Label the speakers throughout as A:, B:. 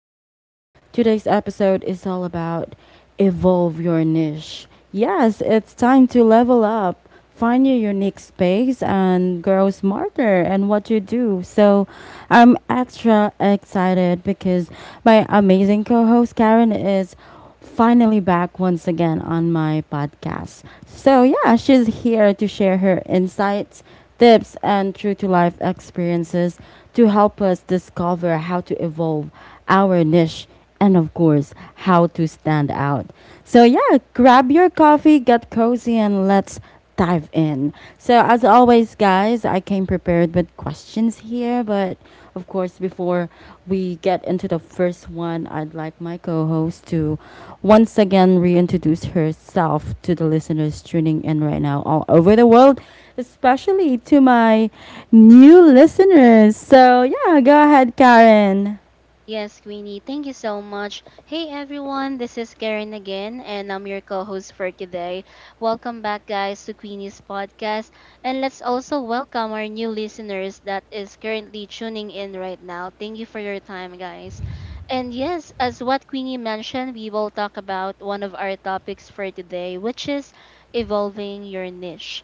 A: Queenie. Today's episode is all about evolve your niche. Yes, it's time to level up, find your unique space, and grow smarter in what you do. So I'm extra excited because my amazing co host Karen is finally back once again on my podcast. So, yeah, she's here to share her insights, tips, and true to life experiences to help us discover how to evolve our niche and, of course, how to stand out. So, yeah, grab your coffee, get cozy, and let's dive in. So, as always, guys, I came prepared with questions here, but of course, before we get into the first one, I'd like my co host to once again reintroduce herself to the listeners tuning in right now all over the world, especially to my new listeners. So, yeah, go ahead, Karen.
B: Yes, Queenie, thank you so much. Hey everyone, this is Karen again, and I'm your co host for today. Welcome back, guys, to Queenie's podcast. And let's also welcome our new listeners that is currently tuning in right now. Thank you for your time, guys. And yes, as what Queenie mentioned, we will talk about one of our topics for today, which is evolving your niche.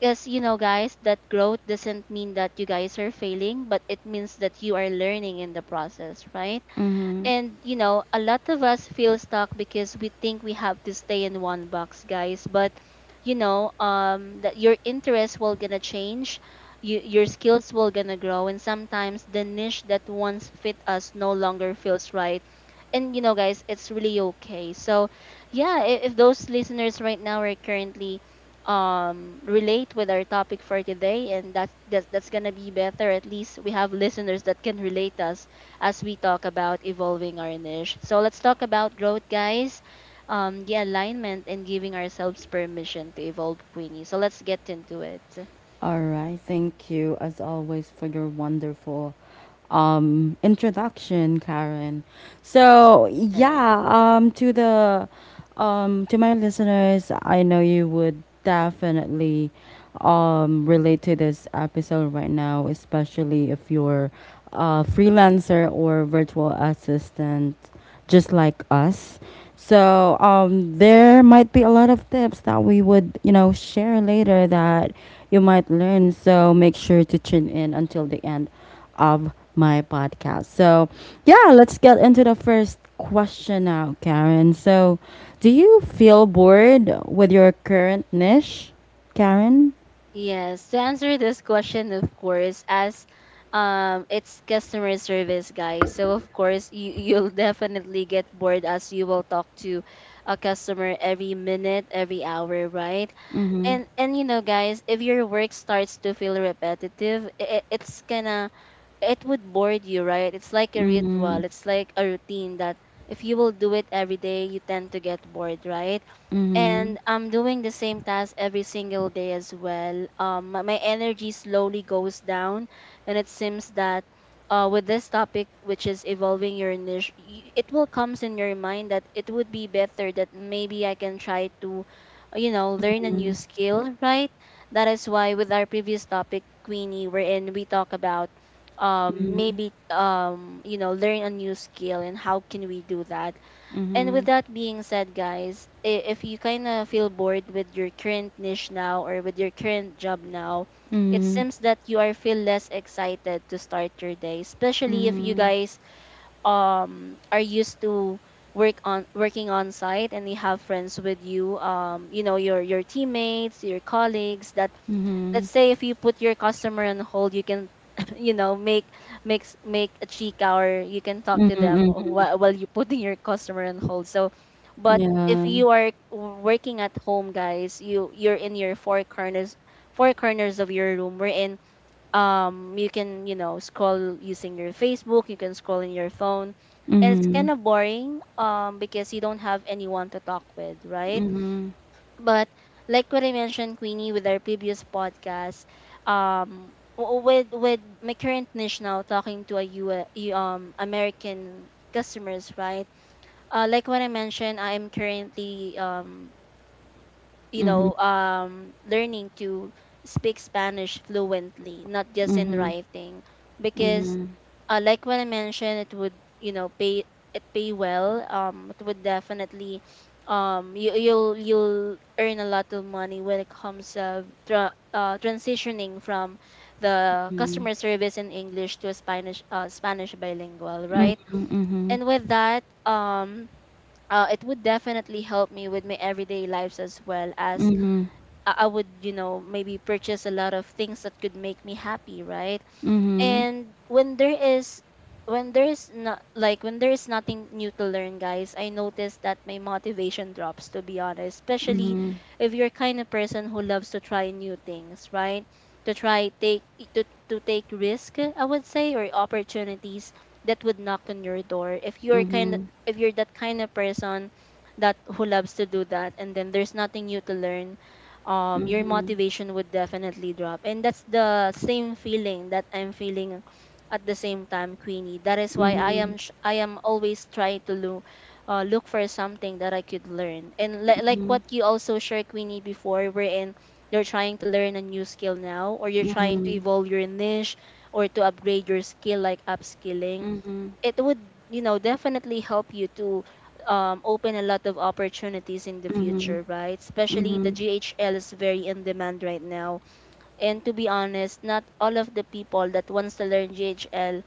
B: Because you know, guys, that growth doesn't mean that you guys are failing, but it means that you are learning in the process, right?
A: Mm-hmm.
B: And you know, a lot of us feel stuck because we think we have to stay in one box, guys. But you know, that your interests will gonna change, your skills will gonna grow, and sometimes the niche that once fit us no longer feels right. And you know, guys, it's really okay. So, yeah, if those listeners right now are currently relate with our topic for today, and that's gonna be better. At least we have listeners that can relate us as we talk about evolving our niche. So let's talk about growth, guys. The alignment and giving ourselves permission to evolve, Queenie. So let's get into it.
A: All right. Thank you, as always, for your wonderful introduction, Karen. So
B: Yes.
A: yeah, to the to my listeners, I know you would definitely relate to this episode right now, especially if you're a freelancer or virtual assistant just like us. So there might be a lot of tips that we would, share later that you might learn. So make sure to tune in until the end of my podcast. So yeah, let's get into the first question now, Karen. So do you feel bored with your current niche, Karen?
B: Yes. To answer this question, of course, as it's customer service, guys, so of course you'll definitely get bored as you will talk to a customer every minute, every hour, right.
A: Mm-hmm.
B: And you know, guys, if your work starts to feel repetitive, it, it's gonna it would board you, right? It's like a
A: Mm-hmm.
B: ritual. It's like a routine that if you will do it every day, you tend to get bored, right?
A: Mm-hmm.
B: And I'm doing the same task every single day as well. My energy slowly goes down, and it seems that with this topic, which is evolving your niche, it will comes in your mind that it would be better that maybe I can try to, learn a new skill, right? That is why with our previous topic, Queenie, wherein we talk about maybe learn a new skill, and how can we do that. And
A: Mm-hmm.
B: with that being said, guys, if you kind of feel bored with your current niche now or with your current job now, it seems that you are feel less excited to start your day, especially if you
A: Mm-hmm.
B: guys are used to working on site, and you have friends with you, you know your teammates, your colleagues, that
A: Mm-hmm.
B: let's say if you put your customer on hold, you can you know make make a cheek, or you can talk to them
A: Mm-hmm.
B: while you're putting your customer on hold. So, but if
A: Yeah.
B: you are working at home, guys, you're in your four corners, of your room, we're in you can, you know, scroll using your Facebook, you can scroll in your phone, and it's
A: Mhm,
B: kind of boring, because you don't have anyone to talk with, right.
A: mhm,
B: But like what I mentioned, Queenie, with our previous podcast, um, with my current niche now, talking to a U S, American customers, right? Like what I mentioned, I am currently
A: mhm,
B: learning to speak Spanish fluently, not just in
A: mhm,
B: writing, because
A: mhm,
B: like when I mentioned, it would pay, it pay well. It would definitely, you'll earn a lot of money when it comes of transitioning from the customer service in English to a Spanish bilingual, right?
A: mhm, mhm,
B: And with that, it would definitely help me with my everyday lives as well, as
A: mhm,
B: I would, maybe purchase a lot of things that could make me happy, right?
A: mhm,
B: And when there is nothing new to learn, guys, I notice that my motivation drops, to be honest, especially
A: mhm,
B: if you're kind of person who loves to try new things, right. to try take to take risk, I would say, or opportunities that would knock on your door. If you're kind
A: mhm,
B: if you're that kind of person that who loves to do that, and then there's nothing new to learn, your motivation would definitely drop. And that's the same feeling that I'm feeling at the same time, Queenie. That is why
A: mhm,
B: I am always trying to look, look for something that I could learn, and like what you also shared, Queenie, before, wherein you're trying to learn a new skill now, or you're trying to evolve your niche, or to upgrade your skill, like upskilling.
A: mhm, mhm,
B: It would, definitely help you to open a lot of opportunities in the
A: mhm,
B: future, right, especially the
A: mhm,
B: GHL is very in demand right now. And to be honest, not all of the people that wants to learn GHL,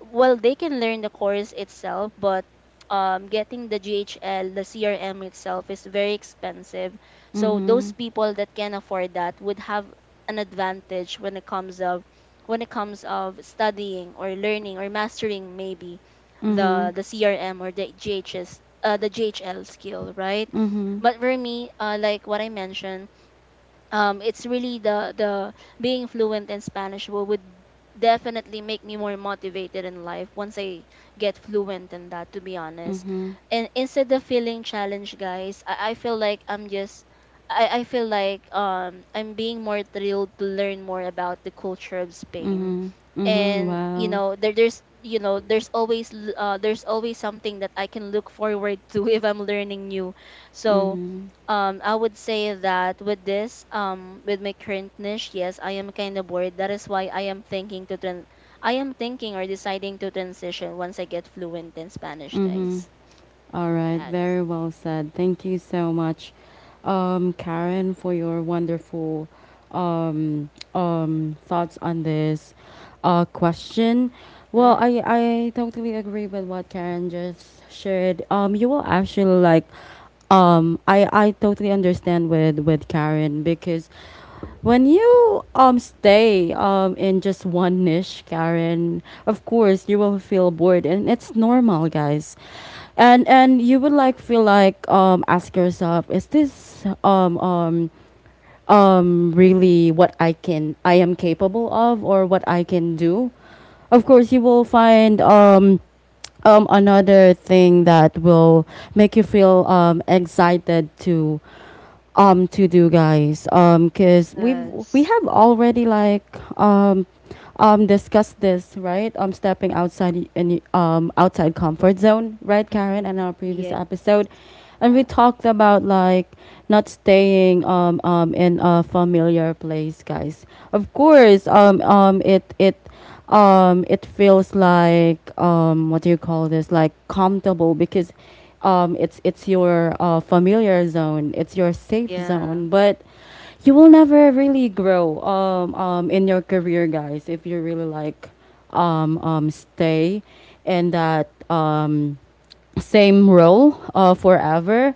B: well, they can learn the course itself, but getting the GHL, the CRM itself is very expensive. So those people that can afford that would have an advantage when it comes of studying or learning or mastering maybe the CRM or the GHS uh, the GHL skill, right?
A: mhm,
B: But for me, like what I mentioned, it's really the being fluent in Spanish, would definitely make me more motivated in life once I get fluent in that, to be honest.
A: mhm,
B: And instead of feeling challenged, guys, I feel like I feel like I'm being more thrilled to learn more about the culture of Spain.
A: mhm, mhm,
B: And
A: wow.
B: there's, you know, there's always something that I can look forward to if I'm learning new. So
A: Mhm,
B: I would say that with my current niche, yes, I am kind of bored. That is why I am thinking or deciding to transition once I get fluent in Spanish,
A: mhm.
B: guys.
A: All right,
B: Yes.
A: very well said. Thank you so much, Karen, for your wonderful thoughts on this question. Well,
B: Sure.
A: I totally agree with what Karen just shared. You will actually like I totally understand with Karen because when you stay in just one niche, Karen, of course you will feel bored and it's normal, guys, and you would like feel like ask yourself, is this really what I am capable of or what I can do? Of course you will find another thing that will make you feel excited to do, guys, because we
B: Yes.
A: have already like um discussed this, right? Stepping outside outside comfort zone, right, Karen, in
B: Hmm.
A: our previous
B: Yeah.
A: episode? And we
B: Yeah.
A: talked about like not staying in a familiar place, guys. Of course, it feels like what do you call this like comfortable because it's your familiar zone, it's your safe
B: Yeah.
A: zone, but you will never really grow in your career, guys, if you really like stay in that same role forever.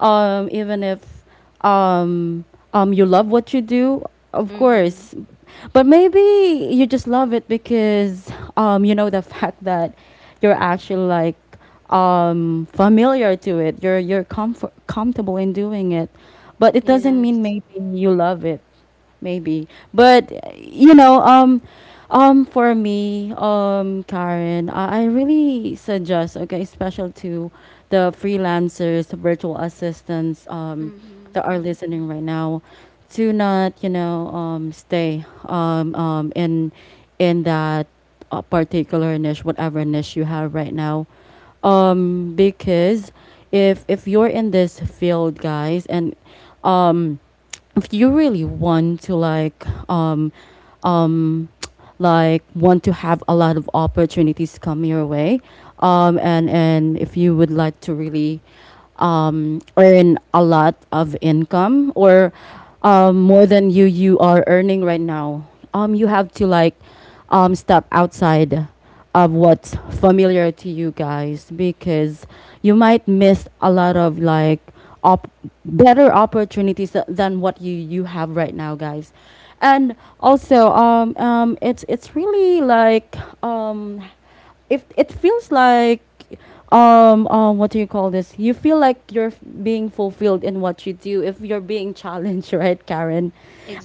A: Even if um, you love what you do, of
B: Hmm.
A: course, but maybe you just love it because you know the fact that you're actually like familiar to it. You're comfortable in doing it, but it doesn't mean
B: Yes.
A: maybe you love it. Maybe. But you know um for me, Karen, I really suggest, okay, special to the freelancers, the virtual assistants
B: Hmm.
A: that are listening right now, to not, stay in that particular niche, whatever niche you have right now, because if you're in this field, guys, and um, if you really want to like um like want to have a lot of opportunities come your way, and if you would like to really earn a lot of income or more than you are earning right now, you have to like step outside of what's familiar to you, guys, because you might miss a lot of like op- better opportunities than what you have right now, guys. And also it's really like um if it feels like what do you call this you feel like you're being fulfilled in what you do if you're being challenged right, Karen?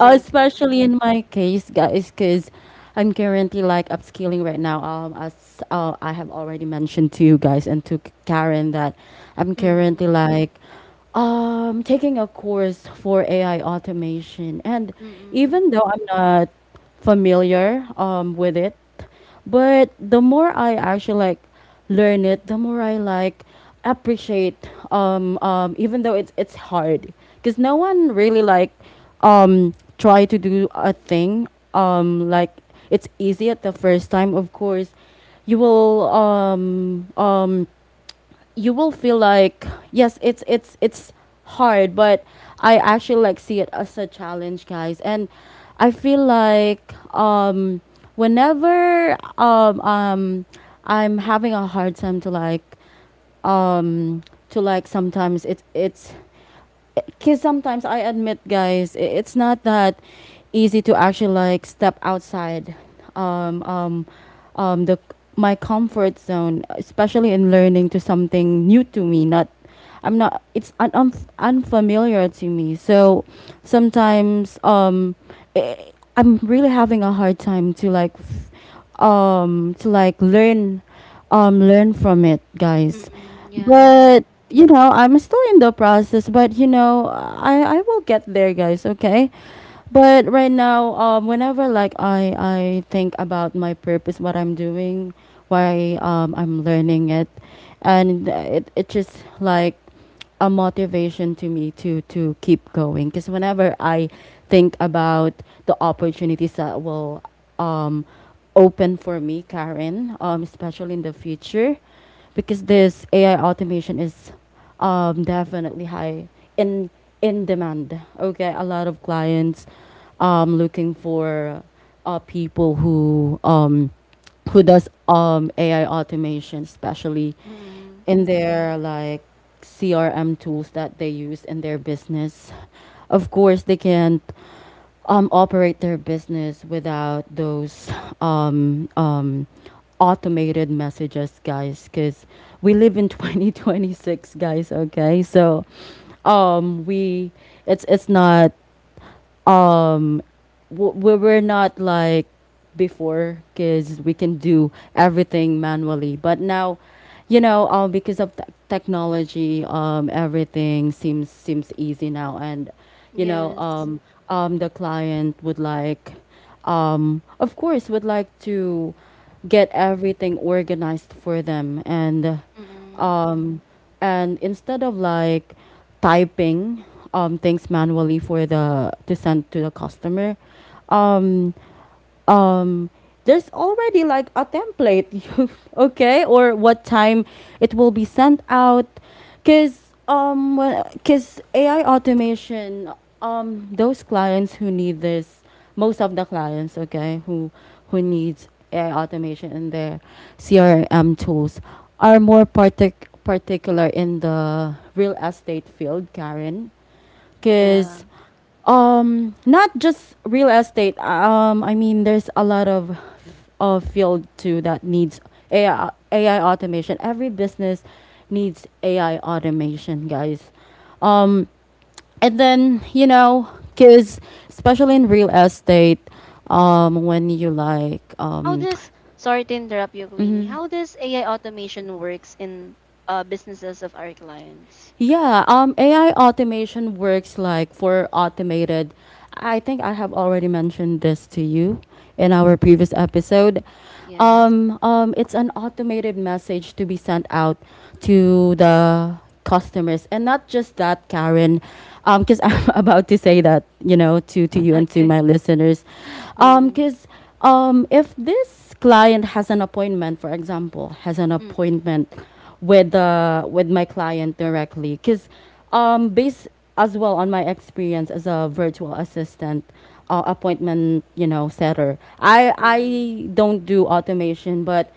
A: Especially in my case, guys, because I'm currently like upskilling right now, as I have already mentioned to you guys and to Karen that I'm currently
B: Hmm.
A: like taking a course for AI automation, and
B: Mm,
A: even though I'm not familiar with it. But the more I actually like learn it, the more I like appreciate even though it's hard, because no one really like um try to do a thing like it's easy at the first time. Of course you will um um you will feel like, yes, it's hard, but I actually like see it as a challenge, guys, and I feel like whenever I'm having a hard time to like um sometimes it's because sometimes I admit, guys, it's not that easy to actually like step outside um, um, the my comfort zone, especially in learning to something new to me. Not, I'm not. It's un, unf unfamiliar to me. So sometimes, I I'm really having a hard time to like, to like learn, learn from it, guys.
B: mm, yes.
A: But you know, I'm still in the process, but you know, I will get there, guys, okay? But right now, whenever like I think about my purpose, what I'm doing, why I'm learning it, and it just like a motivation to me to keep going, because whenever I think about the opportunities that will um open for me, Karen, especially in the future, because this AI automation is definitely high in in demand. Okay, a lot of clients looking for people who does AI automation, especially
B: Mm,
A: in their like CRM tools that they use in their business. Of course, they can't operate their business without those um, um, automated messages, guys, because we live in 2026, guys, okay, so we it's not um we we're not like before, because we can do everything manually, but now, you know, because of technology, everything seems easy now. And you know,
B: yes.
A: the client would like, of course, would like to get everything organized for them, and
B: Mm,
A: um instead of like typing things manually for the to send to the customer, um, um, there's already like a template okay, or what time it will be sent out, because ai automation, those clients who need this, most of the clients, okay, who needs ai automation in their crm tools, are more particular in the real estate field, Karen,
B: yeah.
A: because not just real estate, I mean there's a lot of field too that needs ai automation. Every business needs ai automation, guys. um and then, you know, because, especially in
B: Mm.
A: real estate, when you like
B: How does, sorry to interrupt you, Queenie.
A: mhm.
B: How does AI automation works in businesses of our clients?
A: Yeah, ai automation works like for automated, I think I have already mentioned this to you in our previous
B: Mm,
A: episode.
B: yes.
A: It's an automated message to be sent out to the customers, and not just that, Karen, because I'm about to say that, you know, to you and to
B: Okay.
A: my listeners.
B: Mm,
A: Because if this client has an appointment, for example, has an
B: mm,
A: appointment with my client directly, because based as well on my experience as a virtual assistant, appointment, you know, setter, I
B: mm,
A: I don't do automation, but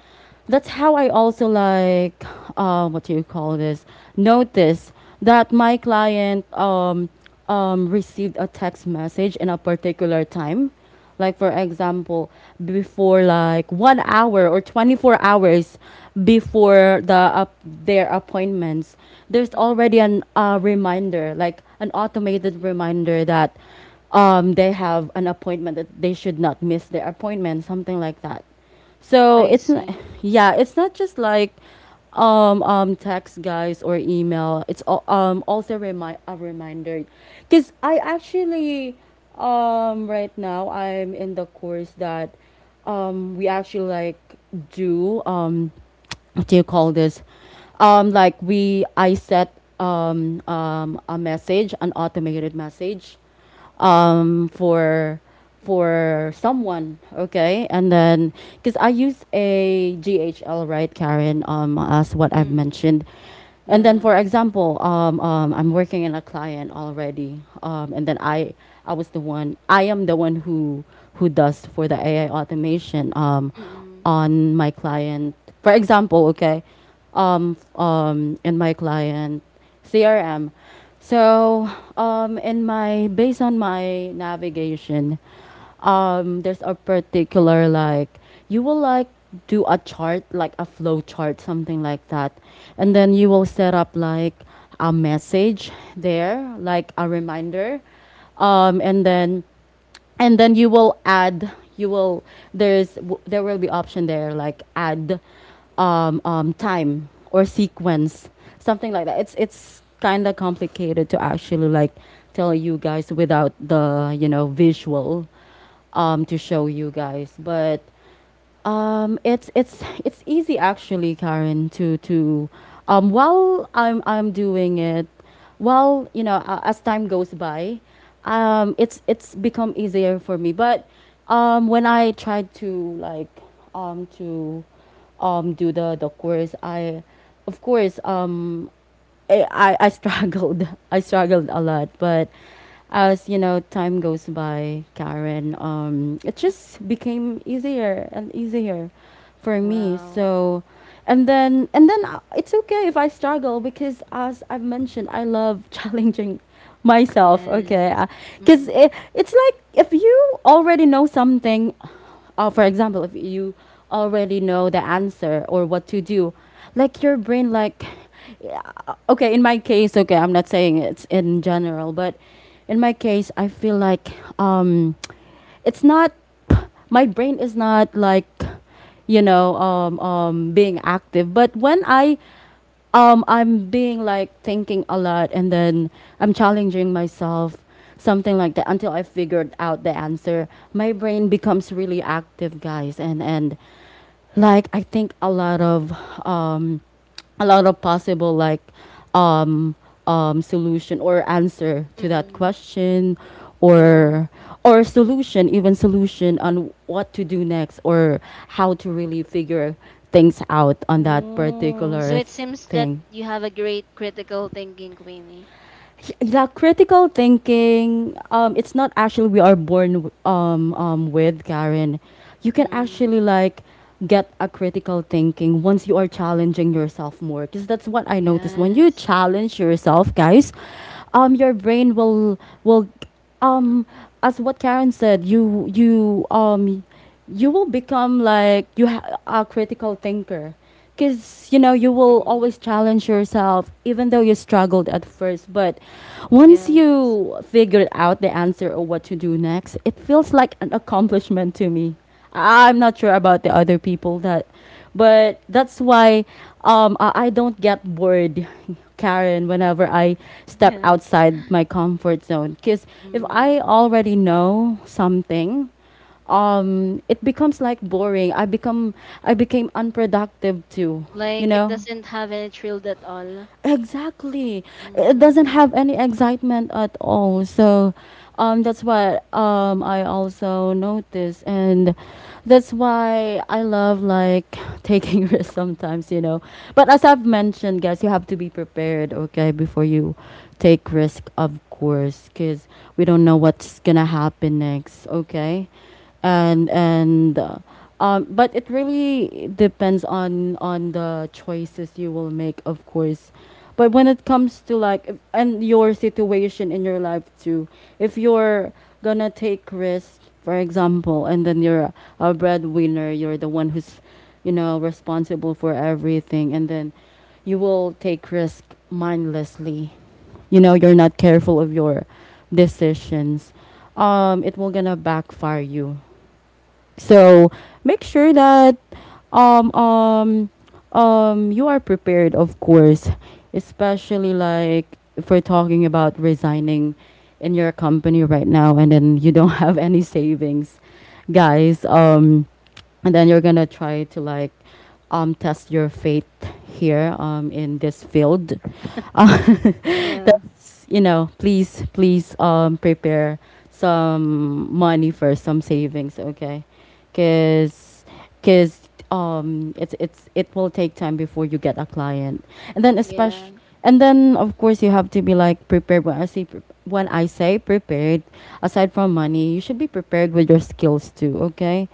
A: that's how I also like, what do you call this? Notice that my client received a text message in a particular time like, for example, before like 1 hour or 24 hours before the up their appointments, there's
B: mm.
A: already an reminder, like an
B: I
A: automated
B: see.
A: reminder that, they have an appointment, that they should not miss their appointment, something like that. So
B: I
A: it's not,
B: see.
A: yeah, it's not just like text, guys, or email. It's also a reminder, because I actually right now I'm in the course that we actually like do, what do you call this? Like we, I set a message, an automated message, um, for for someone, okay? And then because I use a GHL, right, Karen, as what I've
B: Mm,
A: mentioned. And then,
B: yeah.
A: for example, I'm working in a client already, and then I was the one, I am the one who does for the AI automation,
B: Mm,
A: on my client. For example, okay, in my client. CRM. So, in my based on my navigation, there's a particular, like, you will, like, do a chart, like a flow chart, something like that,
B: mm,
A: and
B: mm,
A: then you will set up, like, a message there, like a reminder, um, and then and then you will add, you will there will be option there like add time or sequence, something like that. It's kind of complicated to actually, like, tell you guys without the visual, to show you guys. But it's easy actually, Karen. To While I'm doing it, while as time goes by, it's become easier for me. But when I tried to, like, to do the course, I, of course, I struggled. I struggled a lot, but, as you know, time goes by, Karen, it
B: mm.
A: just became easier and easier for me.
B: Wow.
A: So, and then, it's okay if I struggle because, as I've mentioned, I love challenging myself. Okay,
B: Yes.
A: because
B: Mm,
A: it's like if you already know something, for example, if you already know the answer or what to do, like, your brain, like, yeah. Okay, in my case, okay, I'm not saying it's in general, but in my case, I feel like, um, it's not, my brain is not, like, being active. But when I'm being, like, thinking a lot, and then I'm challenging myself, something like that, until I figured out the answer, my brain becomes really active, guys. And, like, I think a lot of, um a lot of possible, like, um solution or answer
B: mm,
A: to that
B: mm.
A: question.
B: Yeah.
A: Or or solution, even solution on what to do next, or how to really figure things out on that
B: Oh,
A: particular
B: so it seems that
A: thing.
B: you have a great critical thinking, Queenie.
A: Yeah, critical thinking. It's not actually, we are born with, Karen. You can
B: Mm-mm.
A: actually, like, get a critical thinking once you are challenging yourself more. Because that's what I noticed. When you
B: Yes.
A: challenge yourself, guys, your brain will, will um, as what Karen said, you will become, like, you a critical thinker, because you will
B: Mm-mm.
A: always challenge yourself, even though you struggled at first. But once
B: Yes.
A: you figured out the answer or what to do next, it feels like an accomplishment to me. I'm not sure about the other people, that. But that's why, I don't get bored, Karen, whenever I step
B: Yeah.
A: outside my comfort zone, because if I
B: Mm.
A: already know something, it becomes, like, boring. I become, I became unproductive too you
B: Like it
A: know
B: doesn't have any thrill at all.
A: exactly. It doesn't
B: Mm.
A: have any excitement at all. So, that's what, I also notice. And that's why I love, like, taking risks sometimes. But as I've mentioned, guys, you have to be prepared, okay, before you take risk, of course, because we don't know what's gonna happen next. Okay, and but it really depends on the choices you will make, of course. But when it comes to, like, if, and your situation in your life too, if you're gonna take risk, for example, and then you're a breadwinner, you're the one who's, responsible for everything. And then you will take risk mindlessly, you're not careful of your decisions. It will gonna backfire you. So make sure that, um um you are prepared, of course, especially, like, if we're talking about resigning in your company right now and then you don't have any savings, guys. And then you're gonna try to, like, test your faith here, in this field.
B: Yeah.
A: Please, please, please, prepare some money for some savings, okay? Because, it will take time before you get a client. And then,
B: Yeah.
A: especially, and then of course you have to be like prepared. When I say prepared, aside from money, you should be prepared with your skills too, okay?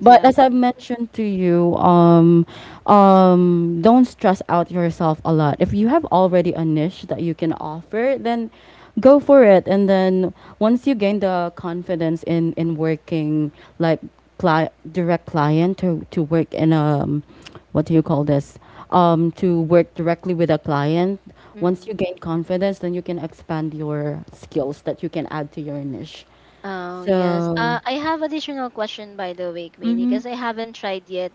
A: But as I've mentioned to you, don't stress out yourself a lot. If you have already a niche that you can offer, then go for it. And then once you gain the confidence in, working, like, direct client to, work in, what do you call this? To work directly with a client. Once you
B: Mm-mm.
A: gain confidence, then you can expand your skills that you can add to your niche.
B: Oh yes.
A: So,
B: I have additional question by the way, Queenie,
A: mm-hmm.
B: because I haven't tried yet.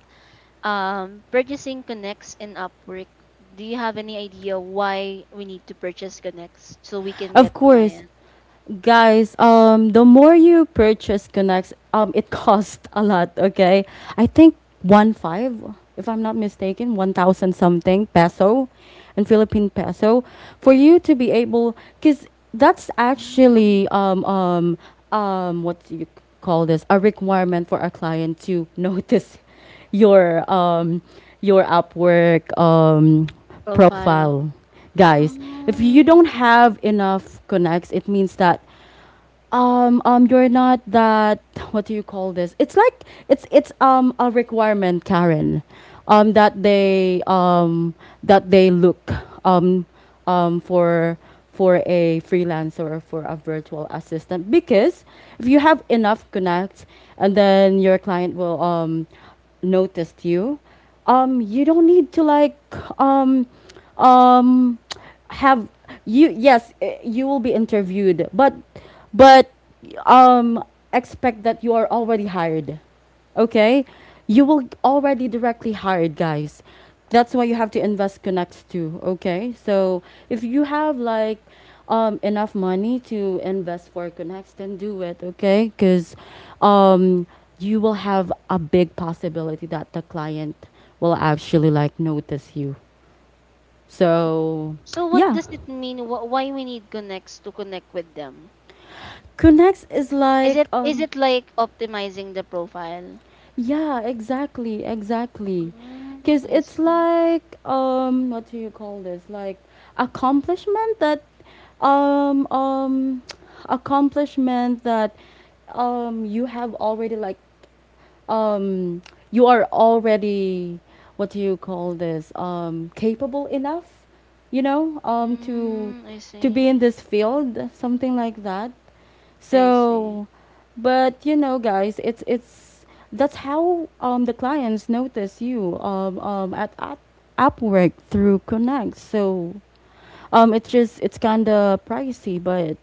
B: Purchasing Connects in Upwork. Do you have any idea why we need to purchase Connects so we can
A: Of
B: get
A: course,
B: clients?
A: guys, the more you purchase connects, it costs a lot. Okay, I think one five, if I'm not mistaken, 1,000 something peso, and Philippine peso, for you to be able, cause that's
B: Mm,
A: actually, what do you call this, a requirement for a client to notice your um your Upwork
B: profile.
A: profile, guys. If you
B: I
A: don't
B: see.
A: have enough connects, it means that, you're not that, what do you call this, it's like, it's a requirement, Karen, that they, look, um for, a freelancer or for a virtual assistant. Because if you have enough connects, and then your client will noticed you, you don't need to, like, um, um, have you. Yes, eh, you will be interviewed, but, but um, expect that you are already hired, okay, you will already directly hired, guys. That's why you have to invest connects too, okay. So if you have, like, enough money to invest for connects, then do it, okay, because, um, you will have a big possibility that the client will actually, like, notice you. So
B: So what
A: yeah,
B: does it mean? Why we need connects to connect with them?
A: connects is
B: Is it
A: like,
B: is it like optimizing the profile?
A: Yeah, exactly, exactly.
B: Mm,
A: Because
B: I
A: it's
B: see.
A: like, what do you call this? Like accomplishment that, um, um, accomplishment that, you have already, like, um, you are already, what do you call this? Capable enough, to,
B: Mm, I
A: be
B: see.
A: in this field, something like that.
B: I see.
A: So, but guys, it's that's how the clients notice you, at, Upwork through Connect. So, it's kind of pricey, but,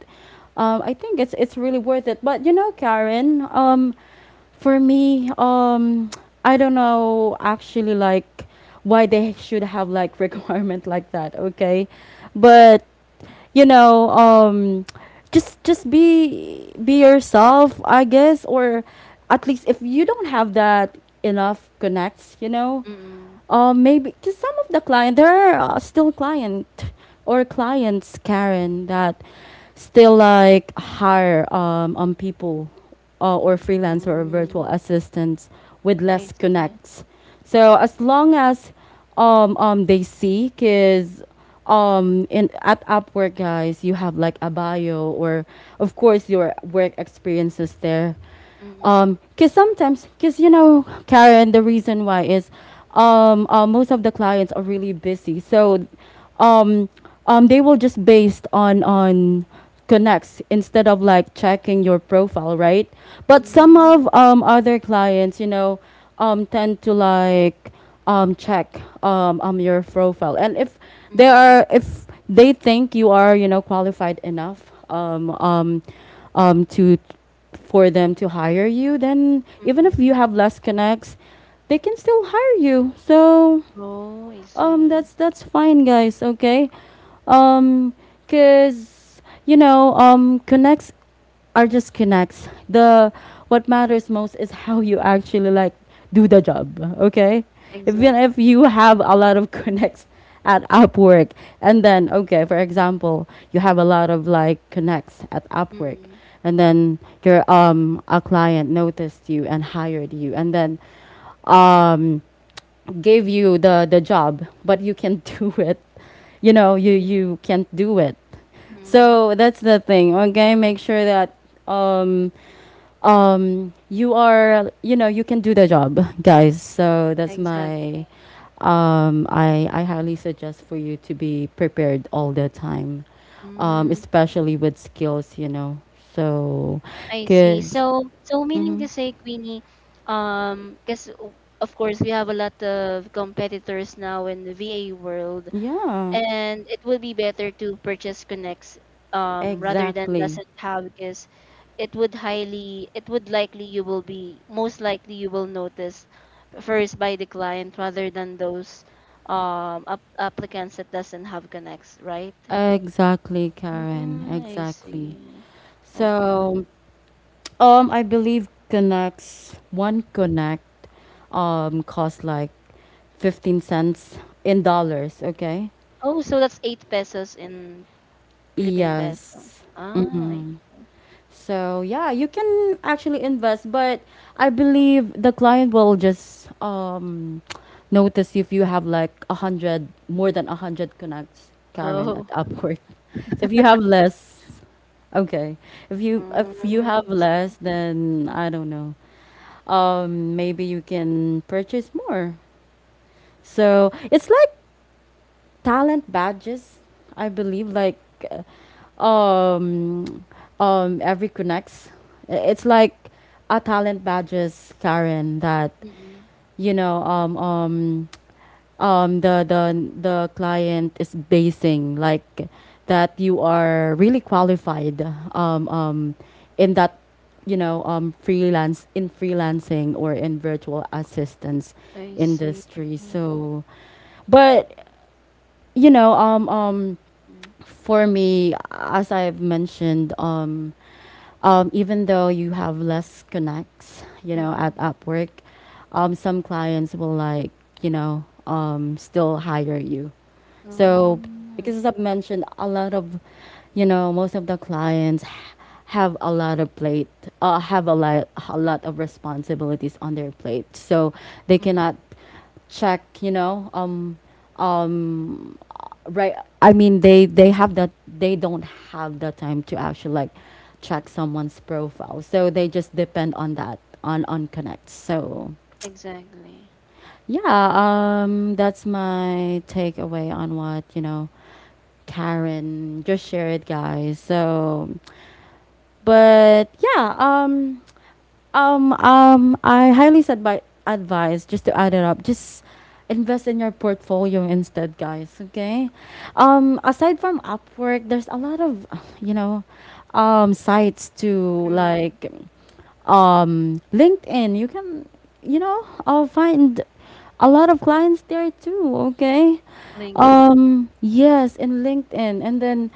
A: I think it's really worth it. But, Karen, for me, I don't know actually, like, why they should have, like, requirement like that. Okay, but, you know, um, just be yourself, I guess. Or, at least if you don't have that enough connects,
B: Mm-mm.
A: maybe because some of the client there are, still client or clients, Karen, that still, like, hire, people, or freelancer or virtual
B: Mm,
A: assistants with
B: I
A: less
B: see.
A: connects. So as long as, they see, because, in at Upwork, guys, you have like a bio, or of course your work experiences there.
B: Mm-mm.
A: Cause sometimes, cause, Karen, the reason why is, most of the clients are really busy, so, um, they will just based on, connects instead of, like, checking your profile, right? But some of,
B: Mm,
A: other clients, tend to, like, check, your profile. And
B: mm-mm.
A: if they think you are, qualified enough, to for them to hire you, then even if you
B: Mm-mm.
A: have less connects, they can still hire you. So,
B: Oh, I see.
A: that's fine, guys. Okay, Um because, connects are just connects. The What matters most is how you actually, like, do the job. Okay, even
B: Exactly.
A: if you have a lot of connects at Upwork, and then, okay, for example, you have a lot of, like, connects at Upwork,
B: Mm-mm.
A: and then your a client noticed you and hired you, and then um gave you the job, but you can't do it. You can't do it.
B: Mm-mm.
A: So that's the thing. Okay, make sure that, um you are, you know, you can do the job, guys. So, that's
B: Exactly.
A: my, um, I, I highly suggest for you to be prepared all the time,
B: Mm.
A: especially with skills. So,
B: I see.
A: because,
B: So meaning
A: mm-hmm,
B: to say, Queenie, because of course we have a lot of competitors now in the VA world,
A: yeah,
B: and it would be better to purchase Connects, rather than
A: exactly.
B: doesn't have, because it would highly, it would likely you will be most likely you will notice first by the client, rather than those applicants that doesn't have Connects, right?
A: Exactly, Karen.
B: Mm, I
A: Exactly.
B: see. Okay.
A: So, I believe connects, one connect cost like 15 cents in dollars. Okay.
B: Oh, so that's 8 pesos in Philippine peso.
A: Yes.
B: Ah,
A: Mm-hmm.
B: okay.
A: So yeah, you can actually invest, but I believe the client will just, notice if you have like 100, more than 100 connects, Karen, at
B: Oh.
A: Upwork. So if you have less, okay. If you
B: Mm,
A: have less, then I don't know. Maybe you can purchase more. So it's like talent badges, I believe. Like, Um, every connects. It's like a talent badges, Karen, that,
B: mm,
A: you know, um, um, um, the the the client is basing, like, that you are really qualified. Um, um, in that, freelance in freelancing or in virtual assistance
B: I see.
A: industry.
B: Mm,
A: So, but you know um um
B: mm.
A: for me, as I've mentioned, even though you have less connects, at
B: Mm.
A: Upwork, some clients will, like, still hire you. So,
B: Oh,
A: because as I've mentioned, most of the clients have a lot of plate, have a lot of responsibilities on their plate. So they
B: mm,
A: cannot check, um, right. I mean, they have that, they don't have the time to actually like check someone's profile. So they just depend on that, on connect. So,
B: exactly.
A: yeah, that's my takeaway on what, Karen just shared, guys. So, but yeah, I highly said by advice, just to add it up. Just invest in your portfolio instead, guys. Okay. Aside from Upwork, there's a lot of, you know, sites to,
B: Mm,
A: like, LinkedIn. You can, find a lot of clients there too. Okay.
B: LinkedIn.
A: Yes, in LinkedIn, and then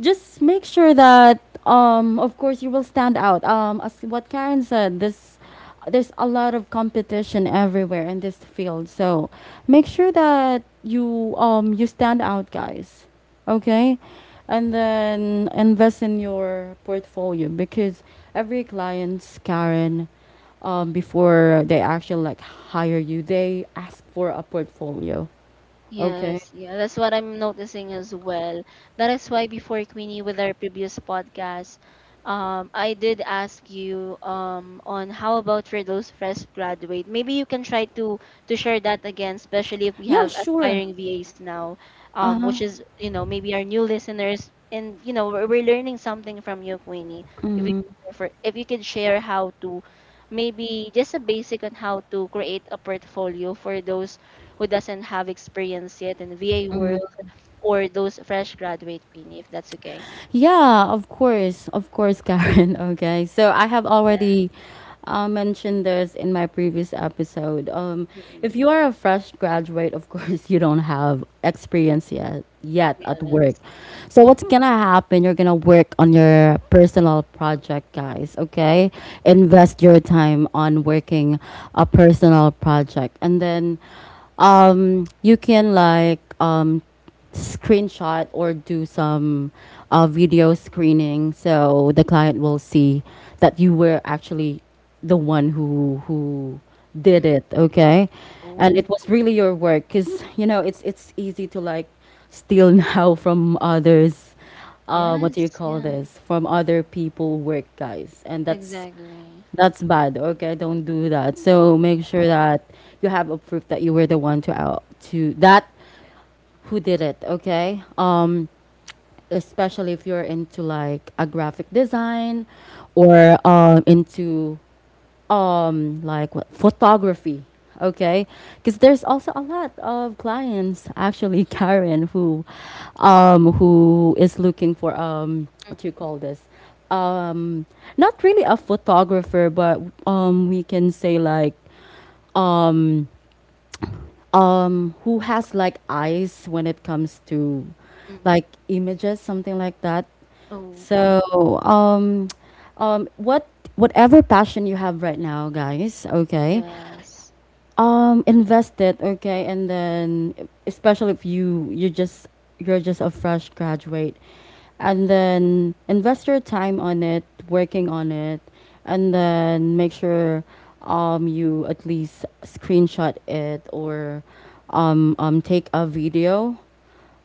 A: just make sure that, of course, you will stand out, as what Karen said. This There's a lot of competition everywhere in this field, so make sure that you stand out, guys. Okay. And then invest in your portfolio, because every client's, Karen, before they actually like hire you, they ask for a portfolio. Okay.
B: Yes, yeah, that's what I'm noticing as well. That is why before, Queenie, with our previous podcast, I did ask you on how about for those fresh graduate. Maybe you can try to share that again, especially if we
A: Yeah,
B: have
A: sure.
B: aspiring VAs now, which is, you know, maybe our new listeners, and you know, we're learning something from you, Queenie. If you if you could share how to maybe just a basic on how to create a portfolio for those who doesn't have experience yet in VA world, or those fresh graduate, Queenie, if that's okay.
A: Yeah, of course. Of course, Karen. Okay. So I have
B: Yeah.
A: already mentioned this in my previous episode. If
B: Mm-mm.
A: you are a fresh graduate, of course, you don't have experience yet at work.
B: Yes.
A: So
B: Mm,
A: what's going to happen? You're going to work on your personal project, guys. Okay. Invest your time on working a personal project. And then, you can, like, screenshot or do some video screening, so the client will see that you were actually the one who did
B: mm.
A: it. Okay. And it
B: Oh,
A: was really your work, because, it's easy to, like, steal now from others, what do you
B: yes.
A: call
B: Yeah.
A: this, from other people work, guys. And
B: Exactly.
A: that's bad. Okay. Don't do that. So make sure that you have a proof that you were the one to out to that who did it. Okay. Especially if you're into, like, a graphic design, or into like what photography. Okay. Because there's also a lot of clients, actually, Karen, who is looking for, what do you
B: Mm-mm.
A: call this, um not really a photographer, but, we can say, like, um who has, like, eyes when it comes to, like,
B: Mm-mm.
A: images, something like that.
B: Oh, oh.
A: So, um what whatever passion you have right now, guys. Okay.
B: Yes.
A: Invest it. Okay. And then, especially if you're just a fresh graduate. And then invest your time on it, working on it, and then make sure, you at least screenshot it, or, take a video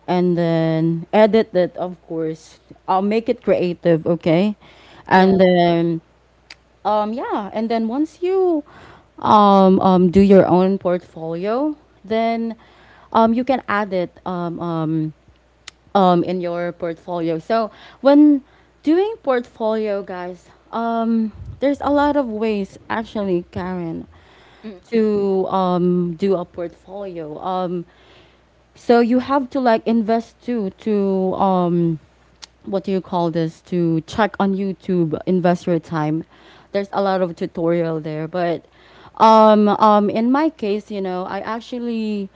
A: and then edit it, of course. I'll make it creative, okay? And
B: Yeah.
A: then, yeah, and then once you, do your own portfolio, then, you can add it, in your portfolio. So when doing portfolio, guys, there's a lot of ways, actually, Karen,
B: Mm-mm.
A: to, do a portfolio. So you have to like invest too, to, what do you call this? To check on YouTube, invest your time. There's a lot of tutorial there, but, in my case, you know, I actually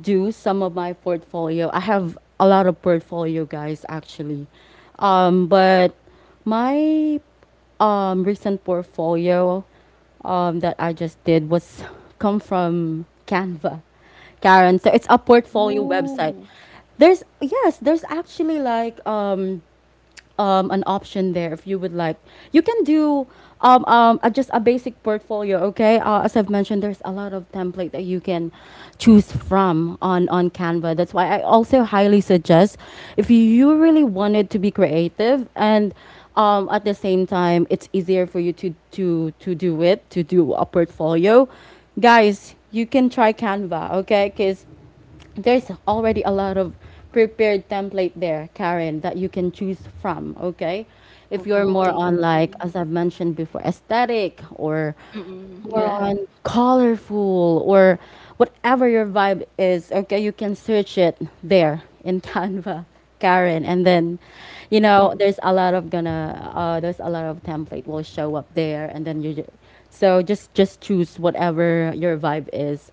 A: do some of my portfolio. I have a lot of portfolio, guys, actually. But my, recent portfolio, that I just did was come from Canva, Karen. So it's a portfolio website.
B: Oh.
A: There's Yes, there's actually, like, an option there if you would like. You can do,
B: Mm-mm.
A: just a basic portfolio, okay? As I've mentioned, there's a lot of template that you can choose from, on Canva. That's why I also highly suggest, if you really wanted to be creative and, at the same time, it's easier for you to do it, to do a portfolio. Guys, you can try Canva, okay? Because there's already a lot of prepared template there, Karen, that you can choose from, okay? If you're
B: Oh,
A: more
B: I
A: on, like,
B: see.
A: as I've mentioned before, aesthetic, or
B: Mm-mm.
A: more
B: Yeah.
A: on colorful, or whatever your vibe is, okay, you can search it there in Canva, Karen. And then, you know,
B: Mm-mm.
A: there's a lot of template will show up there. And then so, just choose whatever your vibe is.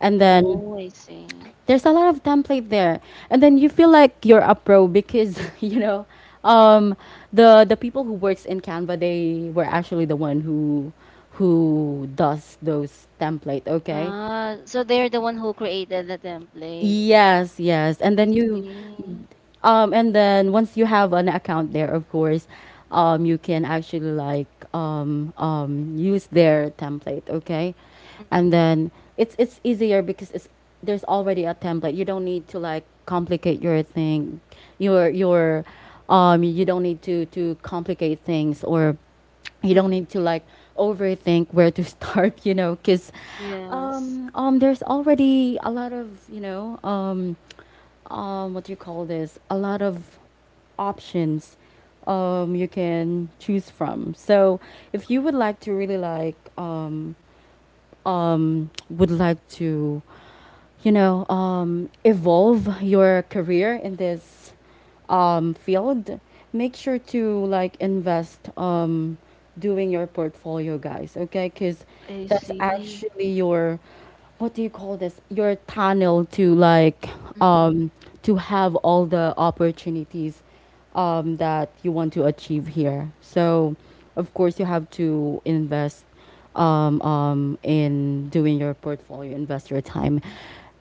A: And then,
B: Oh, I see.
A: there's a lot of template there, and then you feel like you're a pro, because you know, um the people who works in Canva, they were actually the one who does those template. Okay.
B: Ah, so they're the one who created the template.
A: Yes, yes.
B: I see.
A: And then, once you have an account there, of course, you can actually, like, use their template, okay? And then it's easier because it's there's already a template. You don't need to like complicate your thing. Your your you don't need to complicate things, or you don't
B: Mm-mm.
A: need to like overthink where to start, you know, because,
B: Yes.
A: there's already a lot of, you know, what do you call this, a lot of options, you can choose from. So if you would like to really like, would like to, evolve your career in this, field, make sure to, like, invest, doing your portfolio, guys. Okay, because
B: I
A: that's
B: see.
A: actually your, what do you call this? Your tunnel to, like,
B: Mm-mm.
A: um, to have all the opportunities, that you want to achieve here. So, of course, you have to invest, in doing your portfolio, invest your time.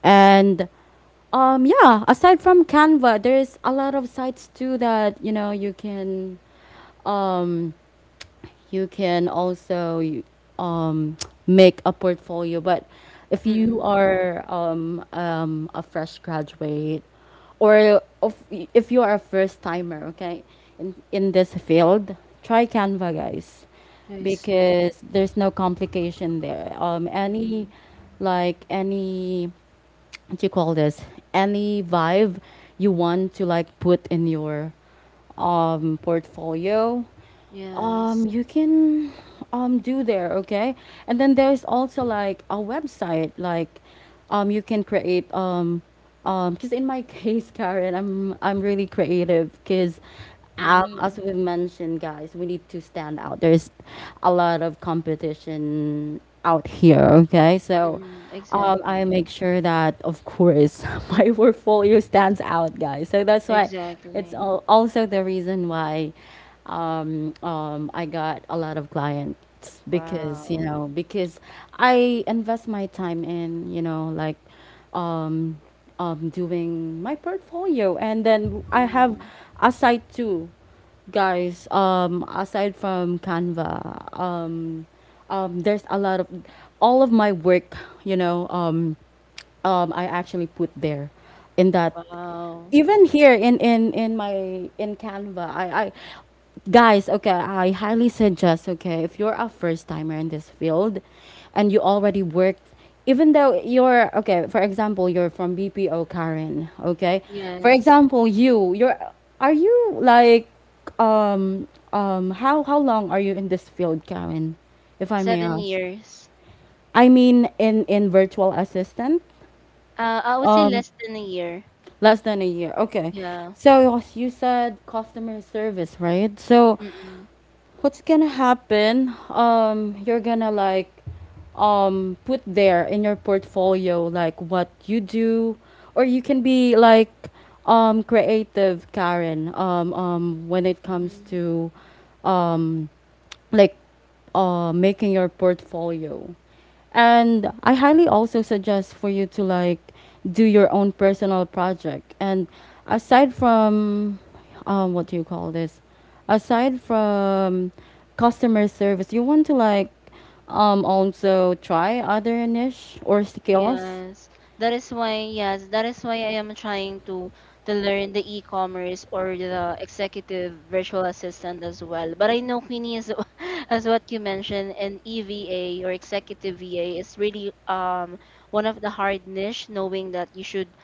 A: And, yeah, aside from Canva, there's a lot of sites too that, you know, you can, um, you can also um, make a portfolio. But if you
B: Mm-mm.
A: are, a fresh graduate, if you are a first timer, okay, in this field, try Canva, guys,
B: I see.
A: because there's no complication there. Any,
B: Mm-mm.
A: like any, what do you call this? Any vibe you want to, like, put in your, portfolio,
B: Yes.
A: you can, do there. Okay. And then there's also, like, a website like, you can create, because in my case, Karen, I'm really creative, because, as
B: Oh.
A: we mentioned, guys, we need to stand out. There's a lot of competition out here. Okay. So,
B: Mm-mm.
A: I
B: Exactly.
A: make sure that, of course, my portfolio stands out, guys. So that's why
B: Exactly.
A: also the reason why, I got a lot of clients because, you
B: Wow.
A: know, because I invest my time in, you know, like, um, doing my portfolio. And then I have
B: Mm-mm.
A: a site too, guys. Aside from Canva, there's a lot of, all of my work, you know, I actually put there in that.
B: Wow.
A: Even here in my in Canva, I guys, okay, I highly suggest, okay, if you're a first timer in this field and you already worked, even though you're, okay, for example, you're from BPO, Karen, okay? For
B: Yes.
A: example, you're, are you like, um, how long are you in this field, Karen, if I may
B: Seven
A: ask?
B: years.
A: I mean, in virtual assistant?
B: I would say
A: Um,
B: less than a year.
A: Less than a year. Okay.
B: Yeah.
A: So you said customer service, right? So
B: Mm-mm.
A: what's gonna happen, you're gonna like, put there in your portfolio, like, what you do. Or you can be like, creative, Karen, when it comes
B: Mm-mm.
A: to, um like making your portfolio. And I highly also suggest for you to like do your own personal project. And aside from, what do you call this? Aside from customer service, you want to, like, also try other niche or skills.
B: Yes, that is why, yes, that is why I am trying to learn the e-commerce or the executive virtual assistant as well. But I know, Queenie, is as what you mentioned, and EVA or executive VA is really one of the hard niche, knowing that you should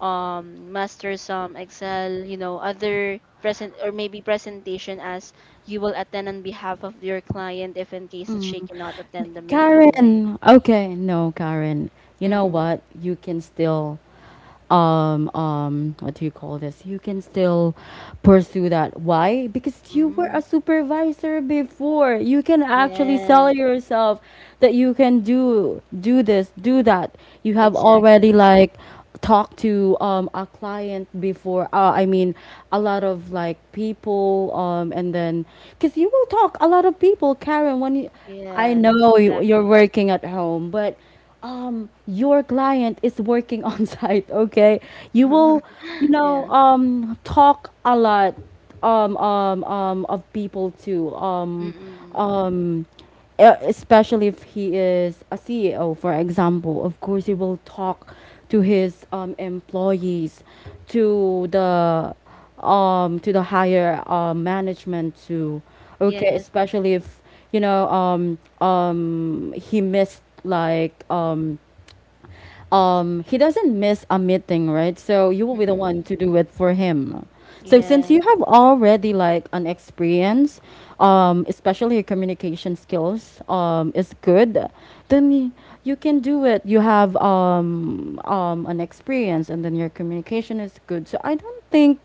B: master some Excel, you know, other present or maybe presentation, as you will attend on behalf of your client if in case that she cannot attend the meeting, right?
A: Karen, okay, no, Karen. You know
B: Mm-hmm.
A: what? You can still what do you call this, you can still pursue that. Why? Because you were
B: Mm-hmm.
A: a supervisor before, you can actually sell
B: Yes,
A: yourself that you can do this, do that. You have already
B: exactly.
A: like talked to a client before, I mean a lot of like people, and then because you will talk a lot of people, Karen, when you, I
B: Yes,
A: know you, you're
B: exactly.
A: working at home, but your client is working on site. Okay, you will, you know
B: Yeah.
A: um talk a lot, of people too,
B: Mm-mm.
A: um e- especially if he is a CEO, for example. Of course he will talk to his employees, to the, to the higher management too. Okay,
B: Yes.
A: especially if you know, he missed like, he doesn't miss a meeting, right? So you will be the one
B: Mm-mm.
A: to do it for him. So since
B: Yes.
A: you have already like an experience, especially your communication skills is good, then you can do it. You have an experience, and then your communication is good, so I don't think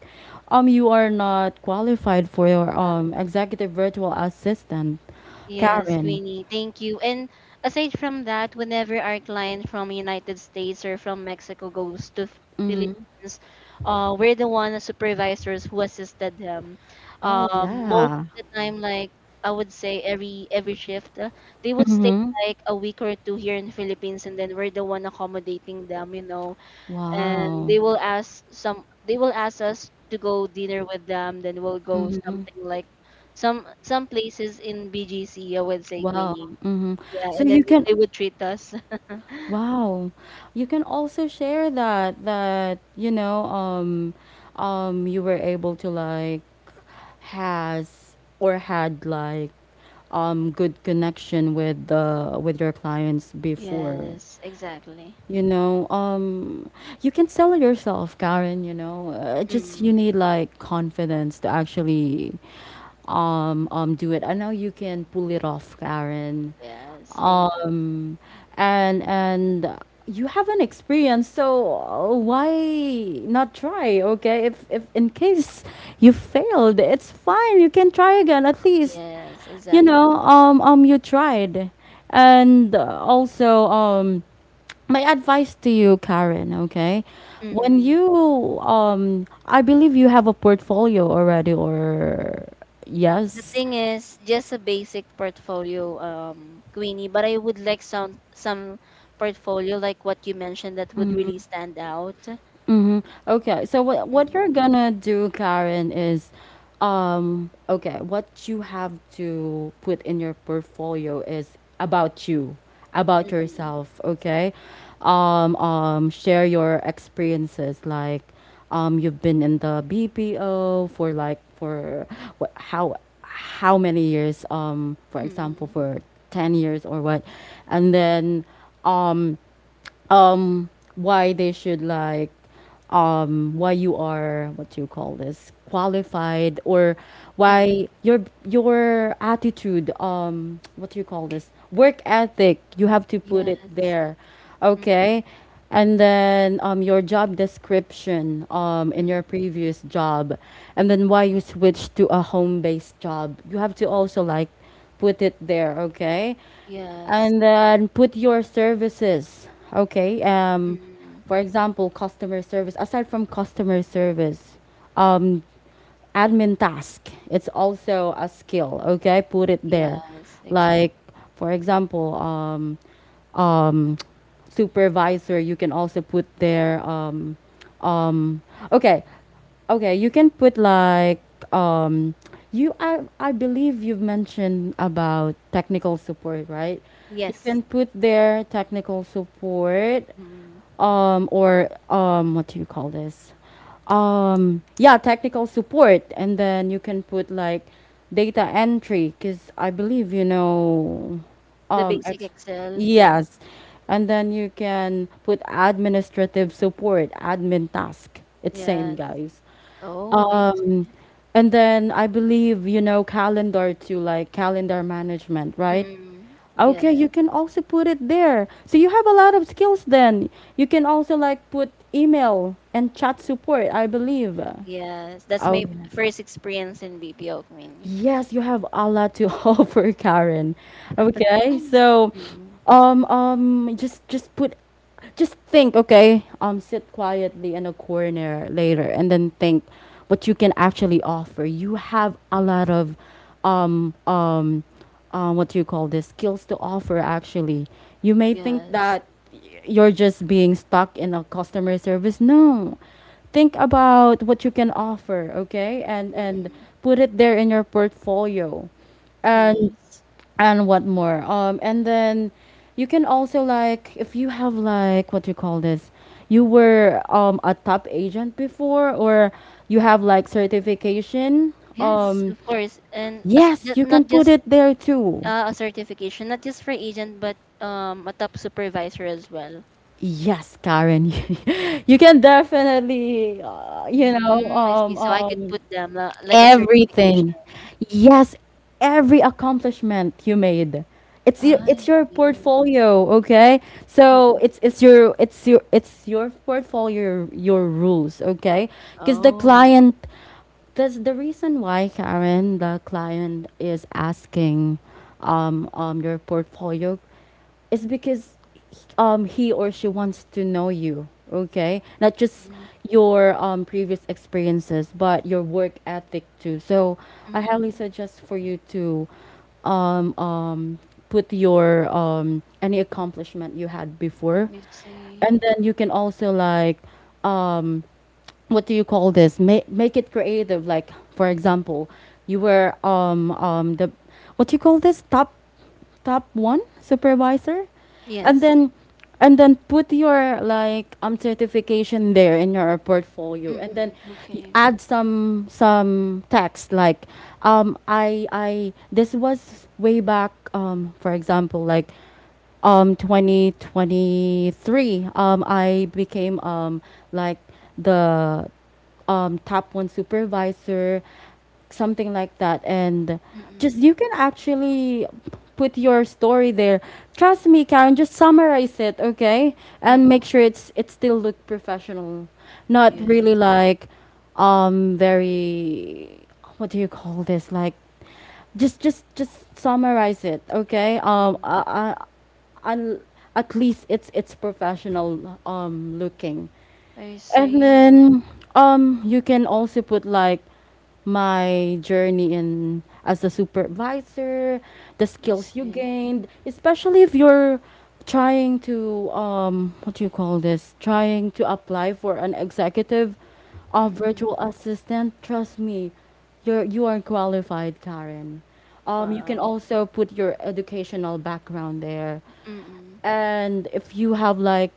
A: you are not qualified for your
B: Wow.
A: executive virtual assistant,
B: Yes,
A: Karen.
B: Queenie. Thank you. And aside from that, whenever our client from United States or from Mexico goes to Philippines, we're the one as supervisors who assisted them.
A: Oh
B: Most of
A: yeah.
B: the time, like I would say, every shift, they would stay
A: Mm-hmm.
B: like a week or two here in Philippines, and then we're the one accommodating them. You know, and
A: Wow.
B: they will ask some they will ask us to go dinner with them, then we'll go
A: Mm-hmm.
B: something like some places in BGC, I would say,
A: Wow.
B: Queenie.
A: Mm-hmm.
B: Yeah.
A: So
B: And
A: you
B: then
A: can,
B: they would treat us.
A: wow. You can also share that you know, you were able to like has or had like good connection with the, with your clients before.
B: Yes, exactly.
A: You know, you can sell it yourself, Karen. You know, just, you
B: Mm.
A: need like confidence to actually do it. I know you can pull it off, Karen.
B: Yes, thanks.
A: um and you have an experience, so why not try? Okay, if in case you failed, it's fine, you can try again. At least
B: Yes,
A: you
B: exactly.
A: know, you tried. And also, my advice to you, Karen, okay? When
B: Mm.
A: you, I believe you have a portfolio already or,
B: The
A: yes,
B: thing is, just a basic portfolio, um, Queenie, but I would like some portfolio like what you mentioned, that would really stand out.
A: mm-hmm. Okay, so what you're
B: Mm.
A: gonna do, Karen, is, okay, what you have to put in your portfolio is about you, about
B: Hmm.
A: yourself. Okay, share your experiences, like, you've been in the BPO for like for what, how many years, for example,
B: Mm.
A: for 10 years or what, and then, um um why they should like, why you are, what do you call this, qualified, or
B: Mm.
A: why your attitude, what do you call this, work ethic, you have to put it
B: Yes.
A: there.
B: Mm.
A: Okay. And then your job description in your
B: Mm.
A: previous job, and then why you switched to a home based job, you have to also like put it there. Okay.
B: Yes.
A: And then put your services. Okay,
B: Mm.
A: for example customer service. Aside from customer service, um admin task, it's also a skill, okay, put it there.
B: Yes. Exactly.
A: Like for example, um supervisor, you can also put there, okay. Okay, you can put like, um you, I believe you've mentioned about technical support, right? You
B: Yes.
A: can put their technical support,
B: Mm.
A: or what do you call this? Yeah, technical support, and then you can put like data entry, because I believe you know,
B: The
A: um,
B: basic
A: ex-
B: Excel. Yes.
A: yes, and then you can put administrative support, admin task. It's same,
B: Yes.
A: guys.
B: Oh, I
A: Um,
B: see.
A: and then I believe you know calendar, to like calendar management, right?
B: Mm.
A: Okay, you
B: Yes.
A: can also put it there. So you have a lot of skills then. You can also like put email and chat support, I believe.
B: Yes. That's my
A: Okay.
B: first experience in BPO community.
A: Yes, you have a lot to offer, Karen. Okay,
B: Mm.
A: so,
B: Mm.
A: just put, just think. Okay, sit quietly in a corner later, and then think what you can actually offer. You have a lot of, um, um, what do you call this, skills to offer. Actually, you may think
B: Yes.
A: that you're just being stuck in a customer service. No, think about what you can offer. Okay, and
B: Mm.
A: put it there in your portfolio. and
B: Yes.
A: and what more, and then you can also like, if you have like what you call this, you were a top agent before, or you have like certification,
B: Yes,
A: um
B: of course. And as,
A: yes, you can
B: not
A: put
B: just
A: it there too.
B: a certification, not just for agent, but, a top supervisor as well.
A: Yes, Karen, you can definitely, you know,
B: Mm, I see. So I could put them la like a certification.
A: everything. Yes, every accomplishment you made. It's your,
B: Ah,
A: it's
B: I
A: your
B: see.
A: portfolio, okay? So
B: Mm-mm.
A: it's your, it's your, it's your portfolio, your rules, okay? Because the
B: Oh.
A: client, that's the reason why, Karen, the client is asking your portfolio, it's because he or she wants to know you. Okay, not just
B: Mm.
A: your previous experiences, but your work ethic too. So I highly
B: Mm-mm.
A: suggest for you to um um put your any accomplishment you had before.
B: I see.
A: And then you can also like, um what do you call this? Make it creative. Like for example, you were the, what do you call this, top, top one supervisor, and
B: Yes.
A: then, and then put your like certification there in your portfolio, and then
B: Mm-mm.
A: you
B: Okay.
A: add some text like, I this was way back, for example, like 2023 I became, like the, top one supervisor, something like that. And just
B: Mm-mm.
A: you can actually put your story there. Trust me, Karen, just summarize it. Okay, and
B: Mm-mm.
A: make sure it's it still look professional. Not really
B: Yes.
A: like very, what do you call this, like, just summarize it. Okay,
B: Mm.
A: I at least it's professional looking.
B: I
A: And
B: see.
A: then
B: Okay.
A: you can also put like, my journey in as a supervisor, the
B: I
A: skills you
B: see.
A: gained, especially if you're trying to what do you call this? Trying to apply for an executive or
B: Mm-mm.
A: virtual assistant. Trust me, you're, you are qualified, Karen. You can
B: Wow.
A: also put your educational background there.
B: Mm-mm.
A: And if you have like,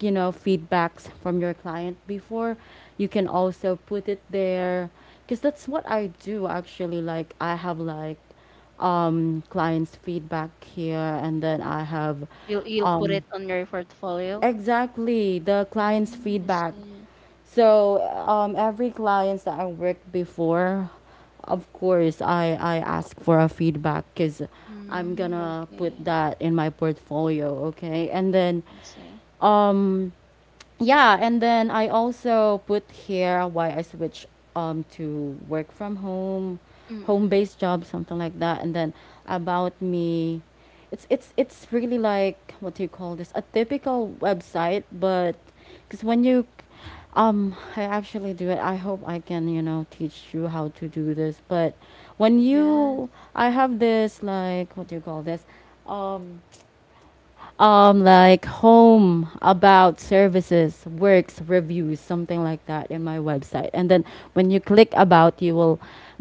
A: you know, feedbacks from your client before, you can also put it there. Because that's what I do actually. Like I have like clients feedback here, and then I have,
B: You you'll put
A: um
B: it on your portfolio?
A: exactly, the client's
B: Mm, I
A: feedback.
B: see.
A: So every clients that I worked before, of course, I ask for a feedback, because I'm
B: Mm,
A: gonna put
B: okay.
A: that in my portfolio, okay? And then
B: I see.
A: um, yeah, and then I also put here why I switched to work from home,
B: Mm-mm.
A: home-based job, something like that. And then about me, it's really like, what do you call this, a typical website. But because when you, I actually do it, I hope I can, you know, teach you how to do this. But when
B: Yes.
A: you, I have this like, what do you call this, um like, home, about, services, works, reviews, something like that in my website. And then when you click about, you will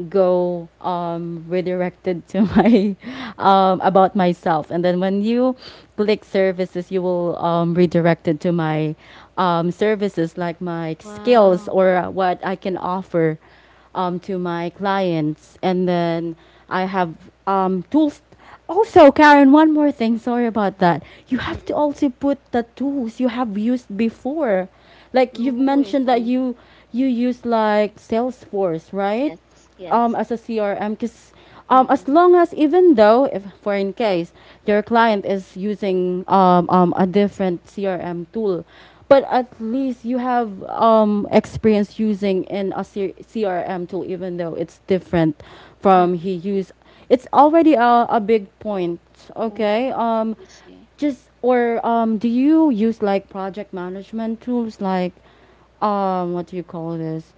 A: go, redirected to my about myself. And then when you click services, you will redirected to my services, like my skills
B: Wow.
A: or what I can offer, to my clients. And then I have, tools. Also, Karen, one more thing. Sorry about that. You have to
B: Mm-mm.
A: also put the tools you have used before. Like you've
B: Oh, I
A: mentioned that
B: see.
A: you use like Salesforce, right?
B: Yes, yes.
A: As a CRM, because as
B: Mm-mm.
A: long as, even though if for in case your client is using, a different CRM tool, but at least you have experience using in a CRM tool, even though it's different from
B: Mm.
A: he used, it's already a big point.
B: Oh,
A: Okay,
B: I see.
A: just, or do you use like project management tools, like what do you call this,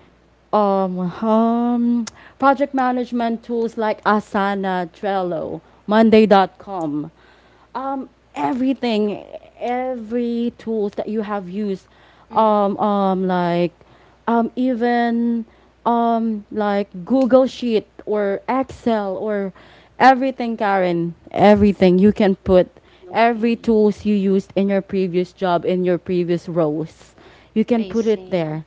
A: um, um project management tools like Asana, Trello, monday.com, um everything, every tools that you have used,
B: Mm-mm.
A: like even like Google Sheet or Excel, or everything, Karen, everything
B: I
A: you can
B: see.
A: put, every
B: Okay.
A: tools you used in your previous job, in your previous roles, you can
B: I
A: put it
B: see.
A: there,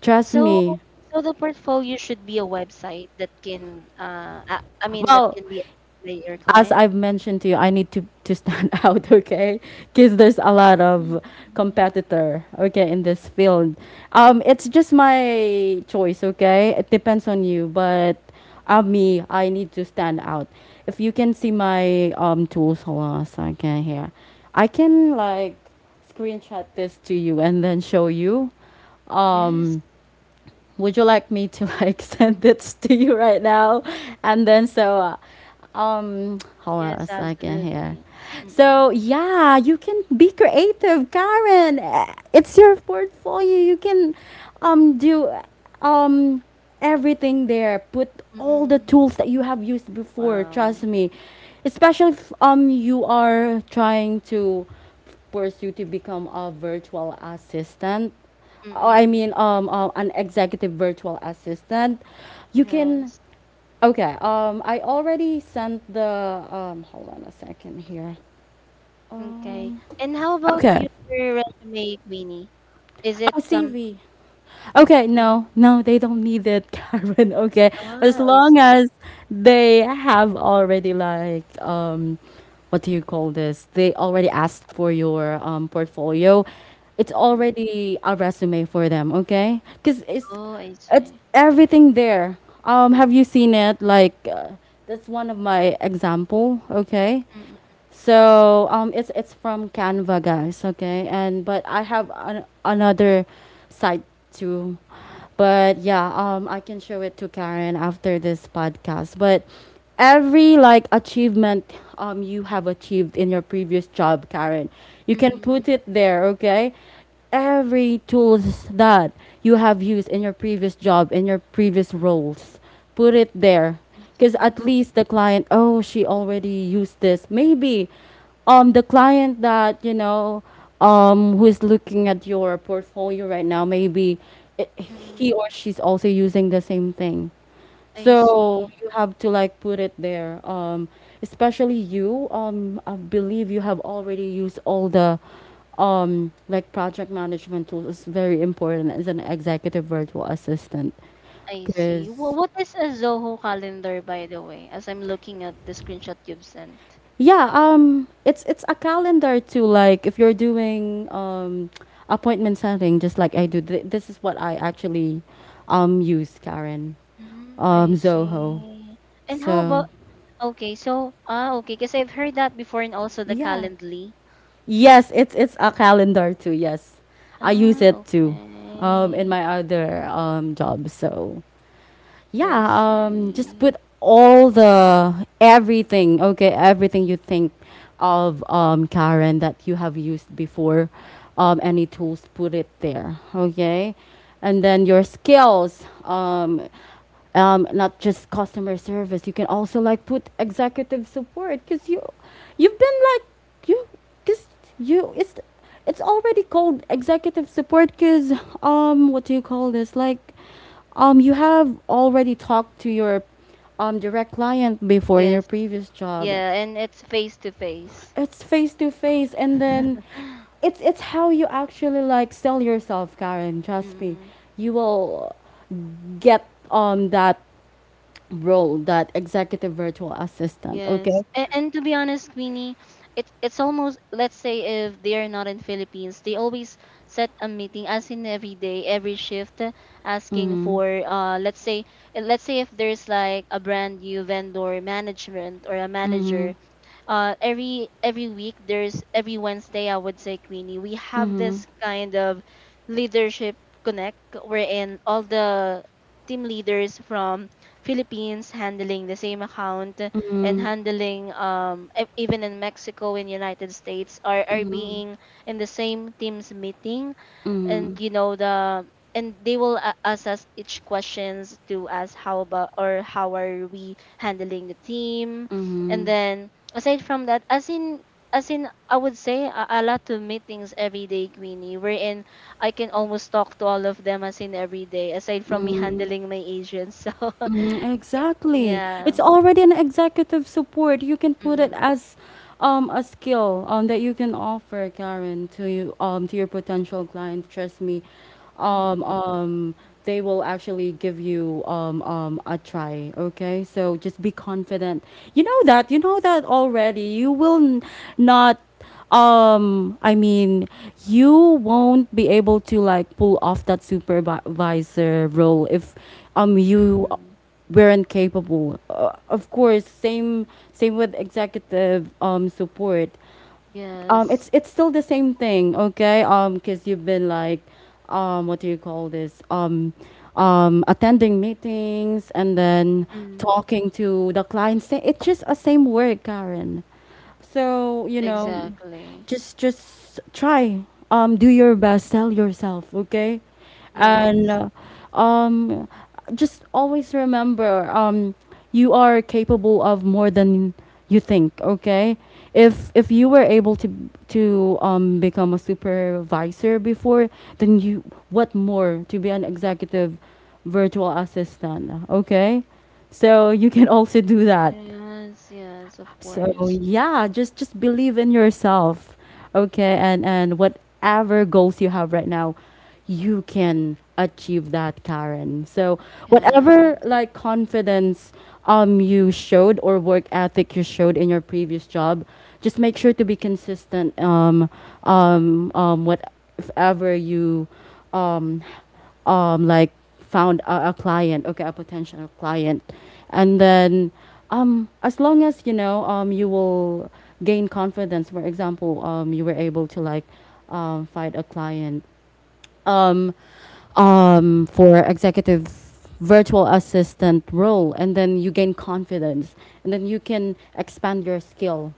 A: trust
B: So,
A: me.
B: so the portfolio should be a website that can, I mean, that
A: Well,
B: can be accessed by your
A: as
B: client.
A: I've mentioned to you, I need to stand out, okay? Because there's
B: Oh,
A: a lot
B: I see.
A: of competitor, okay, in this field. It's just my choice, okay? It depends on you, but me, I need to stand out. If you can see my tools, hold on a second here. I can like screenshot this to you and then show you.
B: Yes.
A: Um, would you like me to like send this to you right now, and then so. Hold on
B: Yes,
A: a second here.
B: absolutely. Mm-mm.
A: So yeah, you can be creative, Karen. Eh, it's your portfolio, you can do um everything there, put all the
B: Mm-mm.
A: tools that you have used before, trust
B: Wow.
A: me. Especially if you are trying to pursue to become a virtual assistant, or I
B: Mm-mm.
A: mean an executive virtual assistant. You can,
B: Yes.
A: okay, I already sent the, hold on a second here.
B: Okay.
A: Um,
B: And how about
A: okay.
B: your resume, Queenie? Is it
A: Oh,
B: some?
A: CV. Okay, no, no, they don't need it, Karen. Okay, as
B: Ah, I
A: long
B: see.
A: as they have already like, what do you call this? They already asked for your portfolio. It's
B: Mm.
A: already a resume for them. Okay, because
B: Oh, I see.
A: it's everything there. Have you seen it? Like, that's one of my example. Okay,
B: Mm,
A: so it's from Canva, guys. Okay, and but I have an, another site too, but yeah, I can show it to Karen after this podcast. But every like achievement you have achieved in your previous job, Karen, you can
B: mm.
A: put it there. Okay, every tools that you have used in your previous job in your previous roles, put it there
B: I
A: because at
B: see.
A: least the client oh she already used this maybe the client that you know who is looking at your portfolio right now maybe
B: Mm,
A: he or she's also using the same thing
B: I
A: so
B: see.
A: you have to like put it there especially you I believe you have already used all the like project management tools is very important as an executive virtual assistant
B: I see.
A: because
B: What is a Zoho calendar, by the way, as I'm looking at the screenshot you've sent?
A: yeah, it's a calendar too, like if you're doing appointment setting just like I do. This is what I actually use, Karen.
B: Mm, I
A: Um, Zoho.
B: see. And how about,
A: So,
B: okay, so, ah, okay, because I've heard that before, and also the
A: yeah.
B: Calendly.
A: Yes, it's a calendar too. Yes. I use
B: Ah,
A: it too in
B: okay.
A: my other job. So, yeah,
B: I
A: just
B: see.
A: put all the everything, okay, everything you think of, Karen, that you have used before, any tools, put it there, okay, and then your skills. Not just customer service. You can also like put executive support because you've been like you because you it's already called executive support because what do you call this, like you have already talked to your direct client before your
B: Yes,
A: previous job.
B: yeah, and it's face to face.
A: It's face to face, and then it's how you actually like sell yourself, Karen. Trust me, you will get that role, that executive virtual assistant,
B: Yes.
A: okay?
B: And to be honest, Queenie, it's almost, let's say, if they are not in Philippines, they always set a meeting, as in every day, every shift, asking for, let's say if there's like a brand new vendor management or a manager. Uh, every week, there's every Wednesday, I would say, Queenie, we have this kind of leadership connect, wherein all the team leaders from Philippines handling the same account, and handling, um, even in Mexico and United States, are being in the same teams meeting. And you know the, and they will assess each questions to ask, how about, or how are we handling the team. And then aside from that, as in, as in I would say a lot of meetings every day, Queenie, wherein I can almost talk to all of them, as in every day, aside from me handling my agents. So
A: Mm, exactly. It's
B: yeah.
A: already an executive support. You can put it
B: Mm-hmm.
A: as a skill that you can offer, Karen, to you, to your potential client. Trust me. Um
B: Mm-hmm.
A: um they will actually give you a try, okay? So just be confident. You know that. You know that already. You will n- not I mean you won't be able to like pull off that supervisor role if you
B: Mm-hmm.
A: we're incapable. Of course, same, same with executive support. It's
B: Yes.
A: it's still the same thing, okay? Because you've been like, what do you call this? Attending meetings and then
B: Mm.
A: talking to the clients. It's just a same work, Karen. So you know,
B: Exactly.
A: just try do your best, sell yourself, okay, and
B: Yes.
A: um just always remember you are capable of more than you think, okay? If you were able to become a supervisor before, then you, what more to be an executive virtual assistant, okay? So you can also do that.
B: Yes. Yes, of
A: So
B: course.
A: yeah, just believe in yourself. Okay, and whatever goals you have right now, you can achieve that, Karen. So
B: Yeah,
A: whatever like confidence you showed or work ethic you showed in your previous job, just make sure to be consistent. Whatever you um like, found a client, okay, a potential client, and then, as long as you know, you will gain confidence. For example, you were able to like, find a client, um, for executive virtual assistant role, and then you gain confidence, and then you can expand your skill.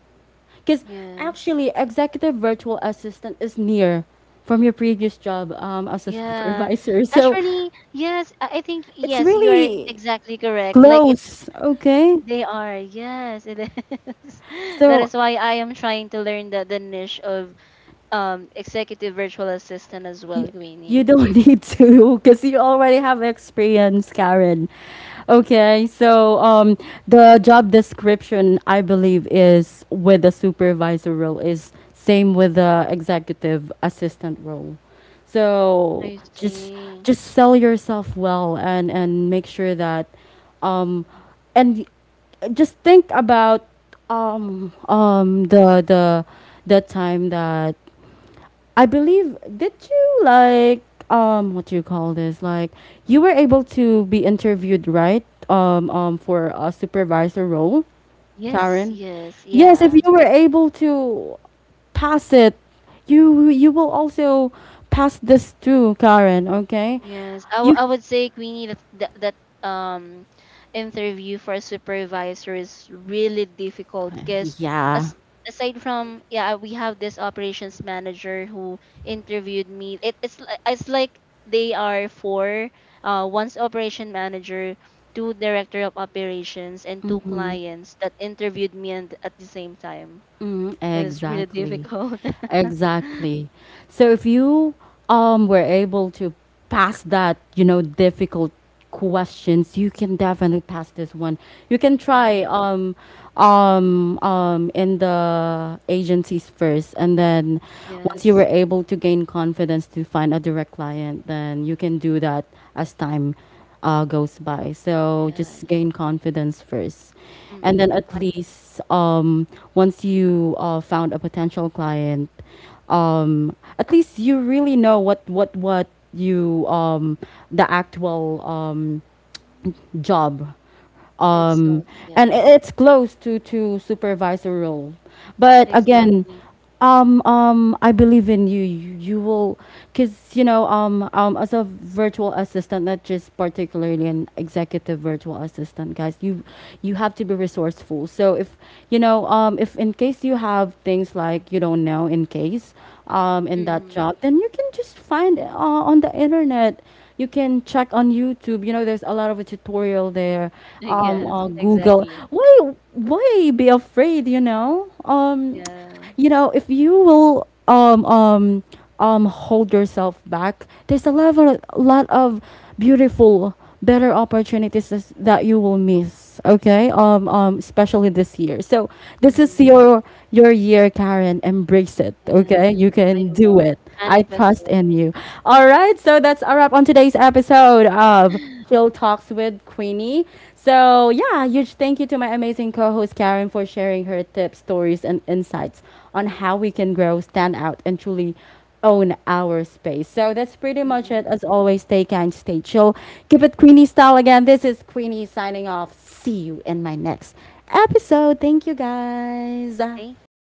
A: Because
B: yes.
A: actually, executive virtual assistant is near from your previous job, as a
B: Yeah.
A: supervisor. So
B: Actually, yes, I think
A: it's
B: yes, you are
A: really
B: exactly correct. Like, it's
A: close, okay?
B: they are. Yes, it is. That
A: So
B: is why I am trying to learn the niche of, um, executive virtual assistant as well,
A: You, you
B: Queenie.
A: don't need to because you already have experience, Karen. Okay, so, the job description, I believe, is with the supervisor role is same with the executive assistant role. So
B: I see.
A: just sell yourself well and make sure that um and just think about, um um the the the time that, I believe, did you like, um, what do you call this? Like, you were able to be interviewed, right? Um, um, for a supervisor role,
B: Yes,
A: Karen.
B: yes,
A: Yes, if
B: yeah.
A: you were able to pass it, you will also pass this too, Karen, okay?
B: Yes, I,
A: You
B: I would say, Queenie, that, that, um, interview for a supervisor is really difficult, because
A: yeah.
B: as aside from, yeah, we have this operations manager who interviewed me. It, it's it's like they are four. Uh, one's operation manager, two director of operations, and two clients that interviewed me, and at the same time.
A: Mm,
B: And it's really
A: exactly.
B: difficult.
A: Exactly. So if you were able to pass that, you know, difficult questions, you can definitely pass this one. You can try
B: Mhm.
A: in the agencies first, and then once you were
B: Yes.
A: able to gain confidence to find a direct client, then you can do that as time, goes by. So
B: Yeah.
A: just gain confidence first. And then
B: Mm.
A: at least, once you, found a potential client, at least you really know what you, the actual, job, um,
B: Itself.
A: and i-
B: Yes,
A: it's close to supervisor role, but again,
B: exactly.
A: I believe in you. You will, because you know, as a virtual assistant, not just particularly an executive virtual assistant, guys, you have to be resourceful. So if you know, if in case you have things like you don't know, in case, in that
B: Mm-hmm.
A: job, then you can just find, on the internet. You can check on YouTube. You know, there's a lot of a tutorial there.
B: Yes,
A: Google.
B: exactly.
A: Why be afraid? You
B: Yes.
A: know, if you will hold yourself back, there's a lot of, lot of beautiful, better opportunities that you will miss, okay, um, especially this year. So this
B: Mm-hmm.
A: is your year, Karen. Embrace it, okay?
B: Yes,
A: You
B: I
A: can do
B: will
A: it. I
B: manifest
A: trust in you. All right, so that's a wrap on today's episode of
B: it.
A: Chill Talks with Queenie. So yeah, huge thank you to my amazing co-host Karen for sharing her tips, stories, and insights on how we can grow, stand out, and truly own our space. So that's pretty much it.
B: Mm-mm.
A: As always, stay kind, stay chill. Keep it Queenie style. Again, this is Queenie signing off. See you in my next episode. Thank you, guys.
B: Thank you.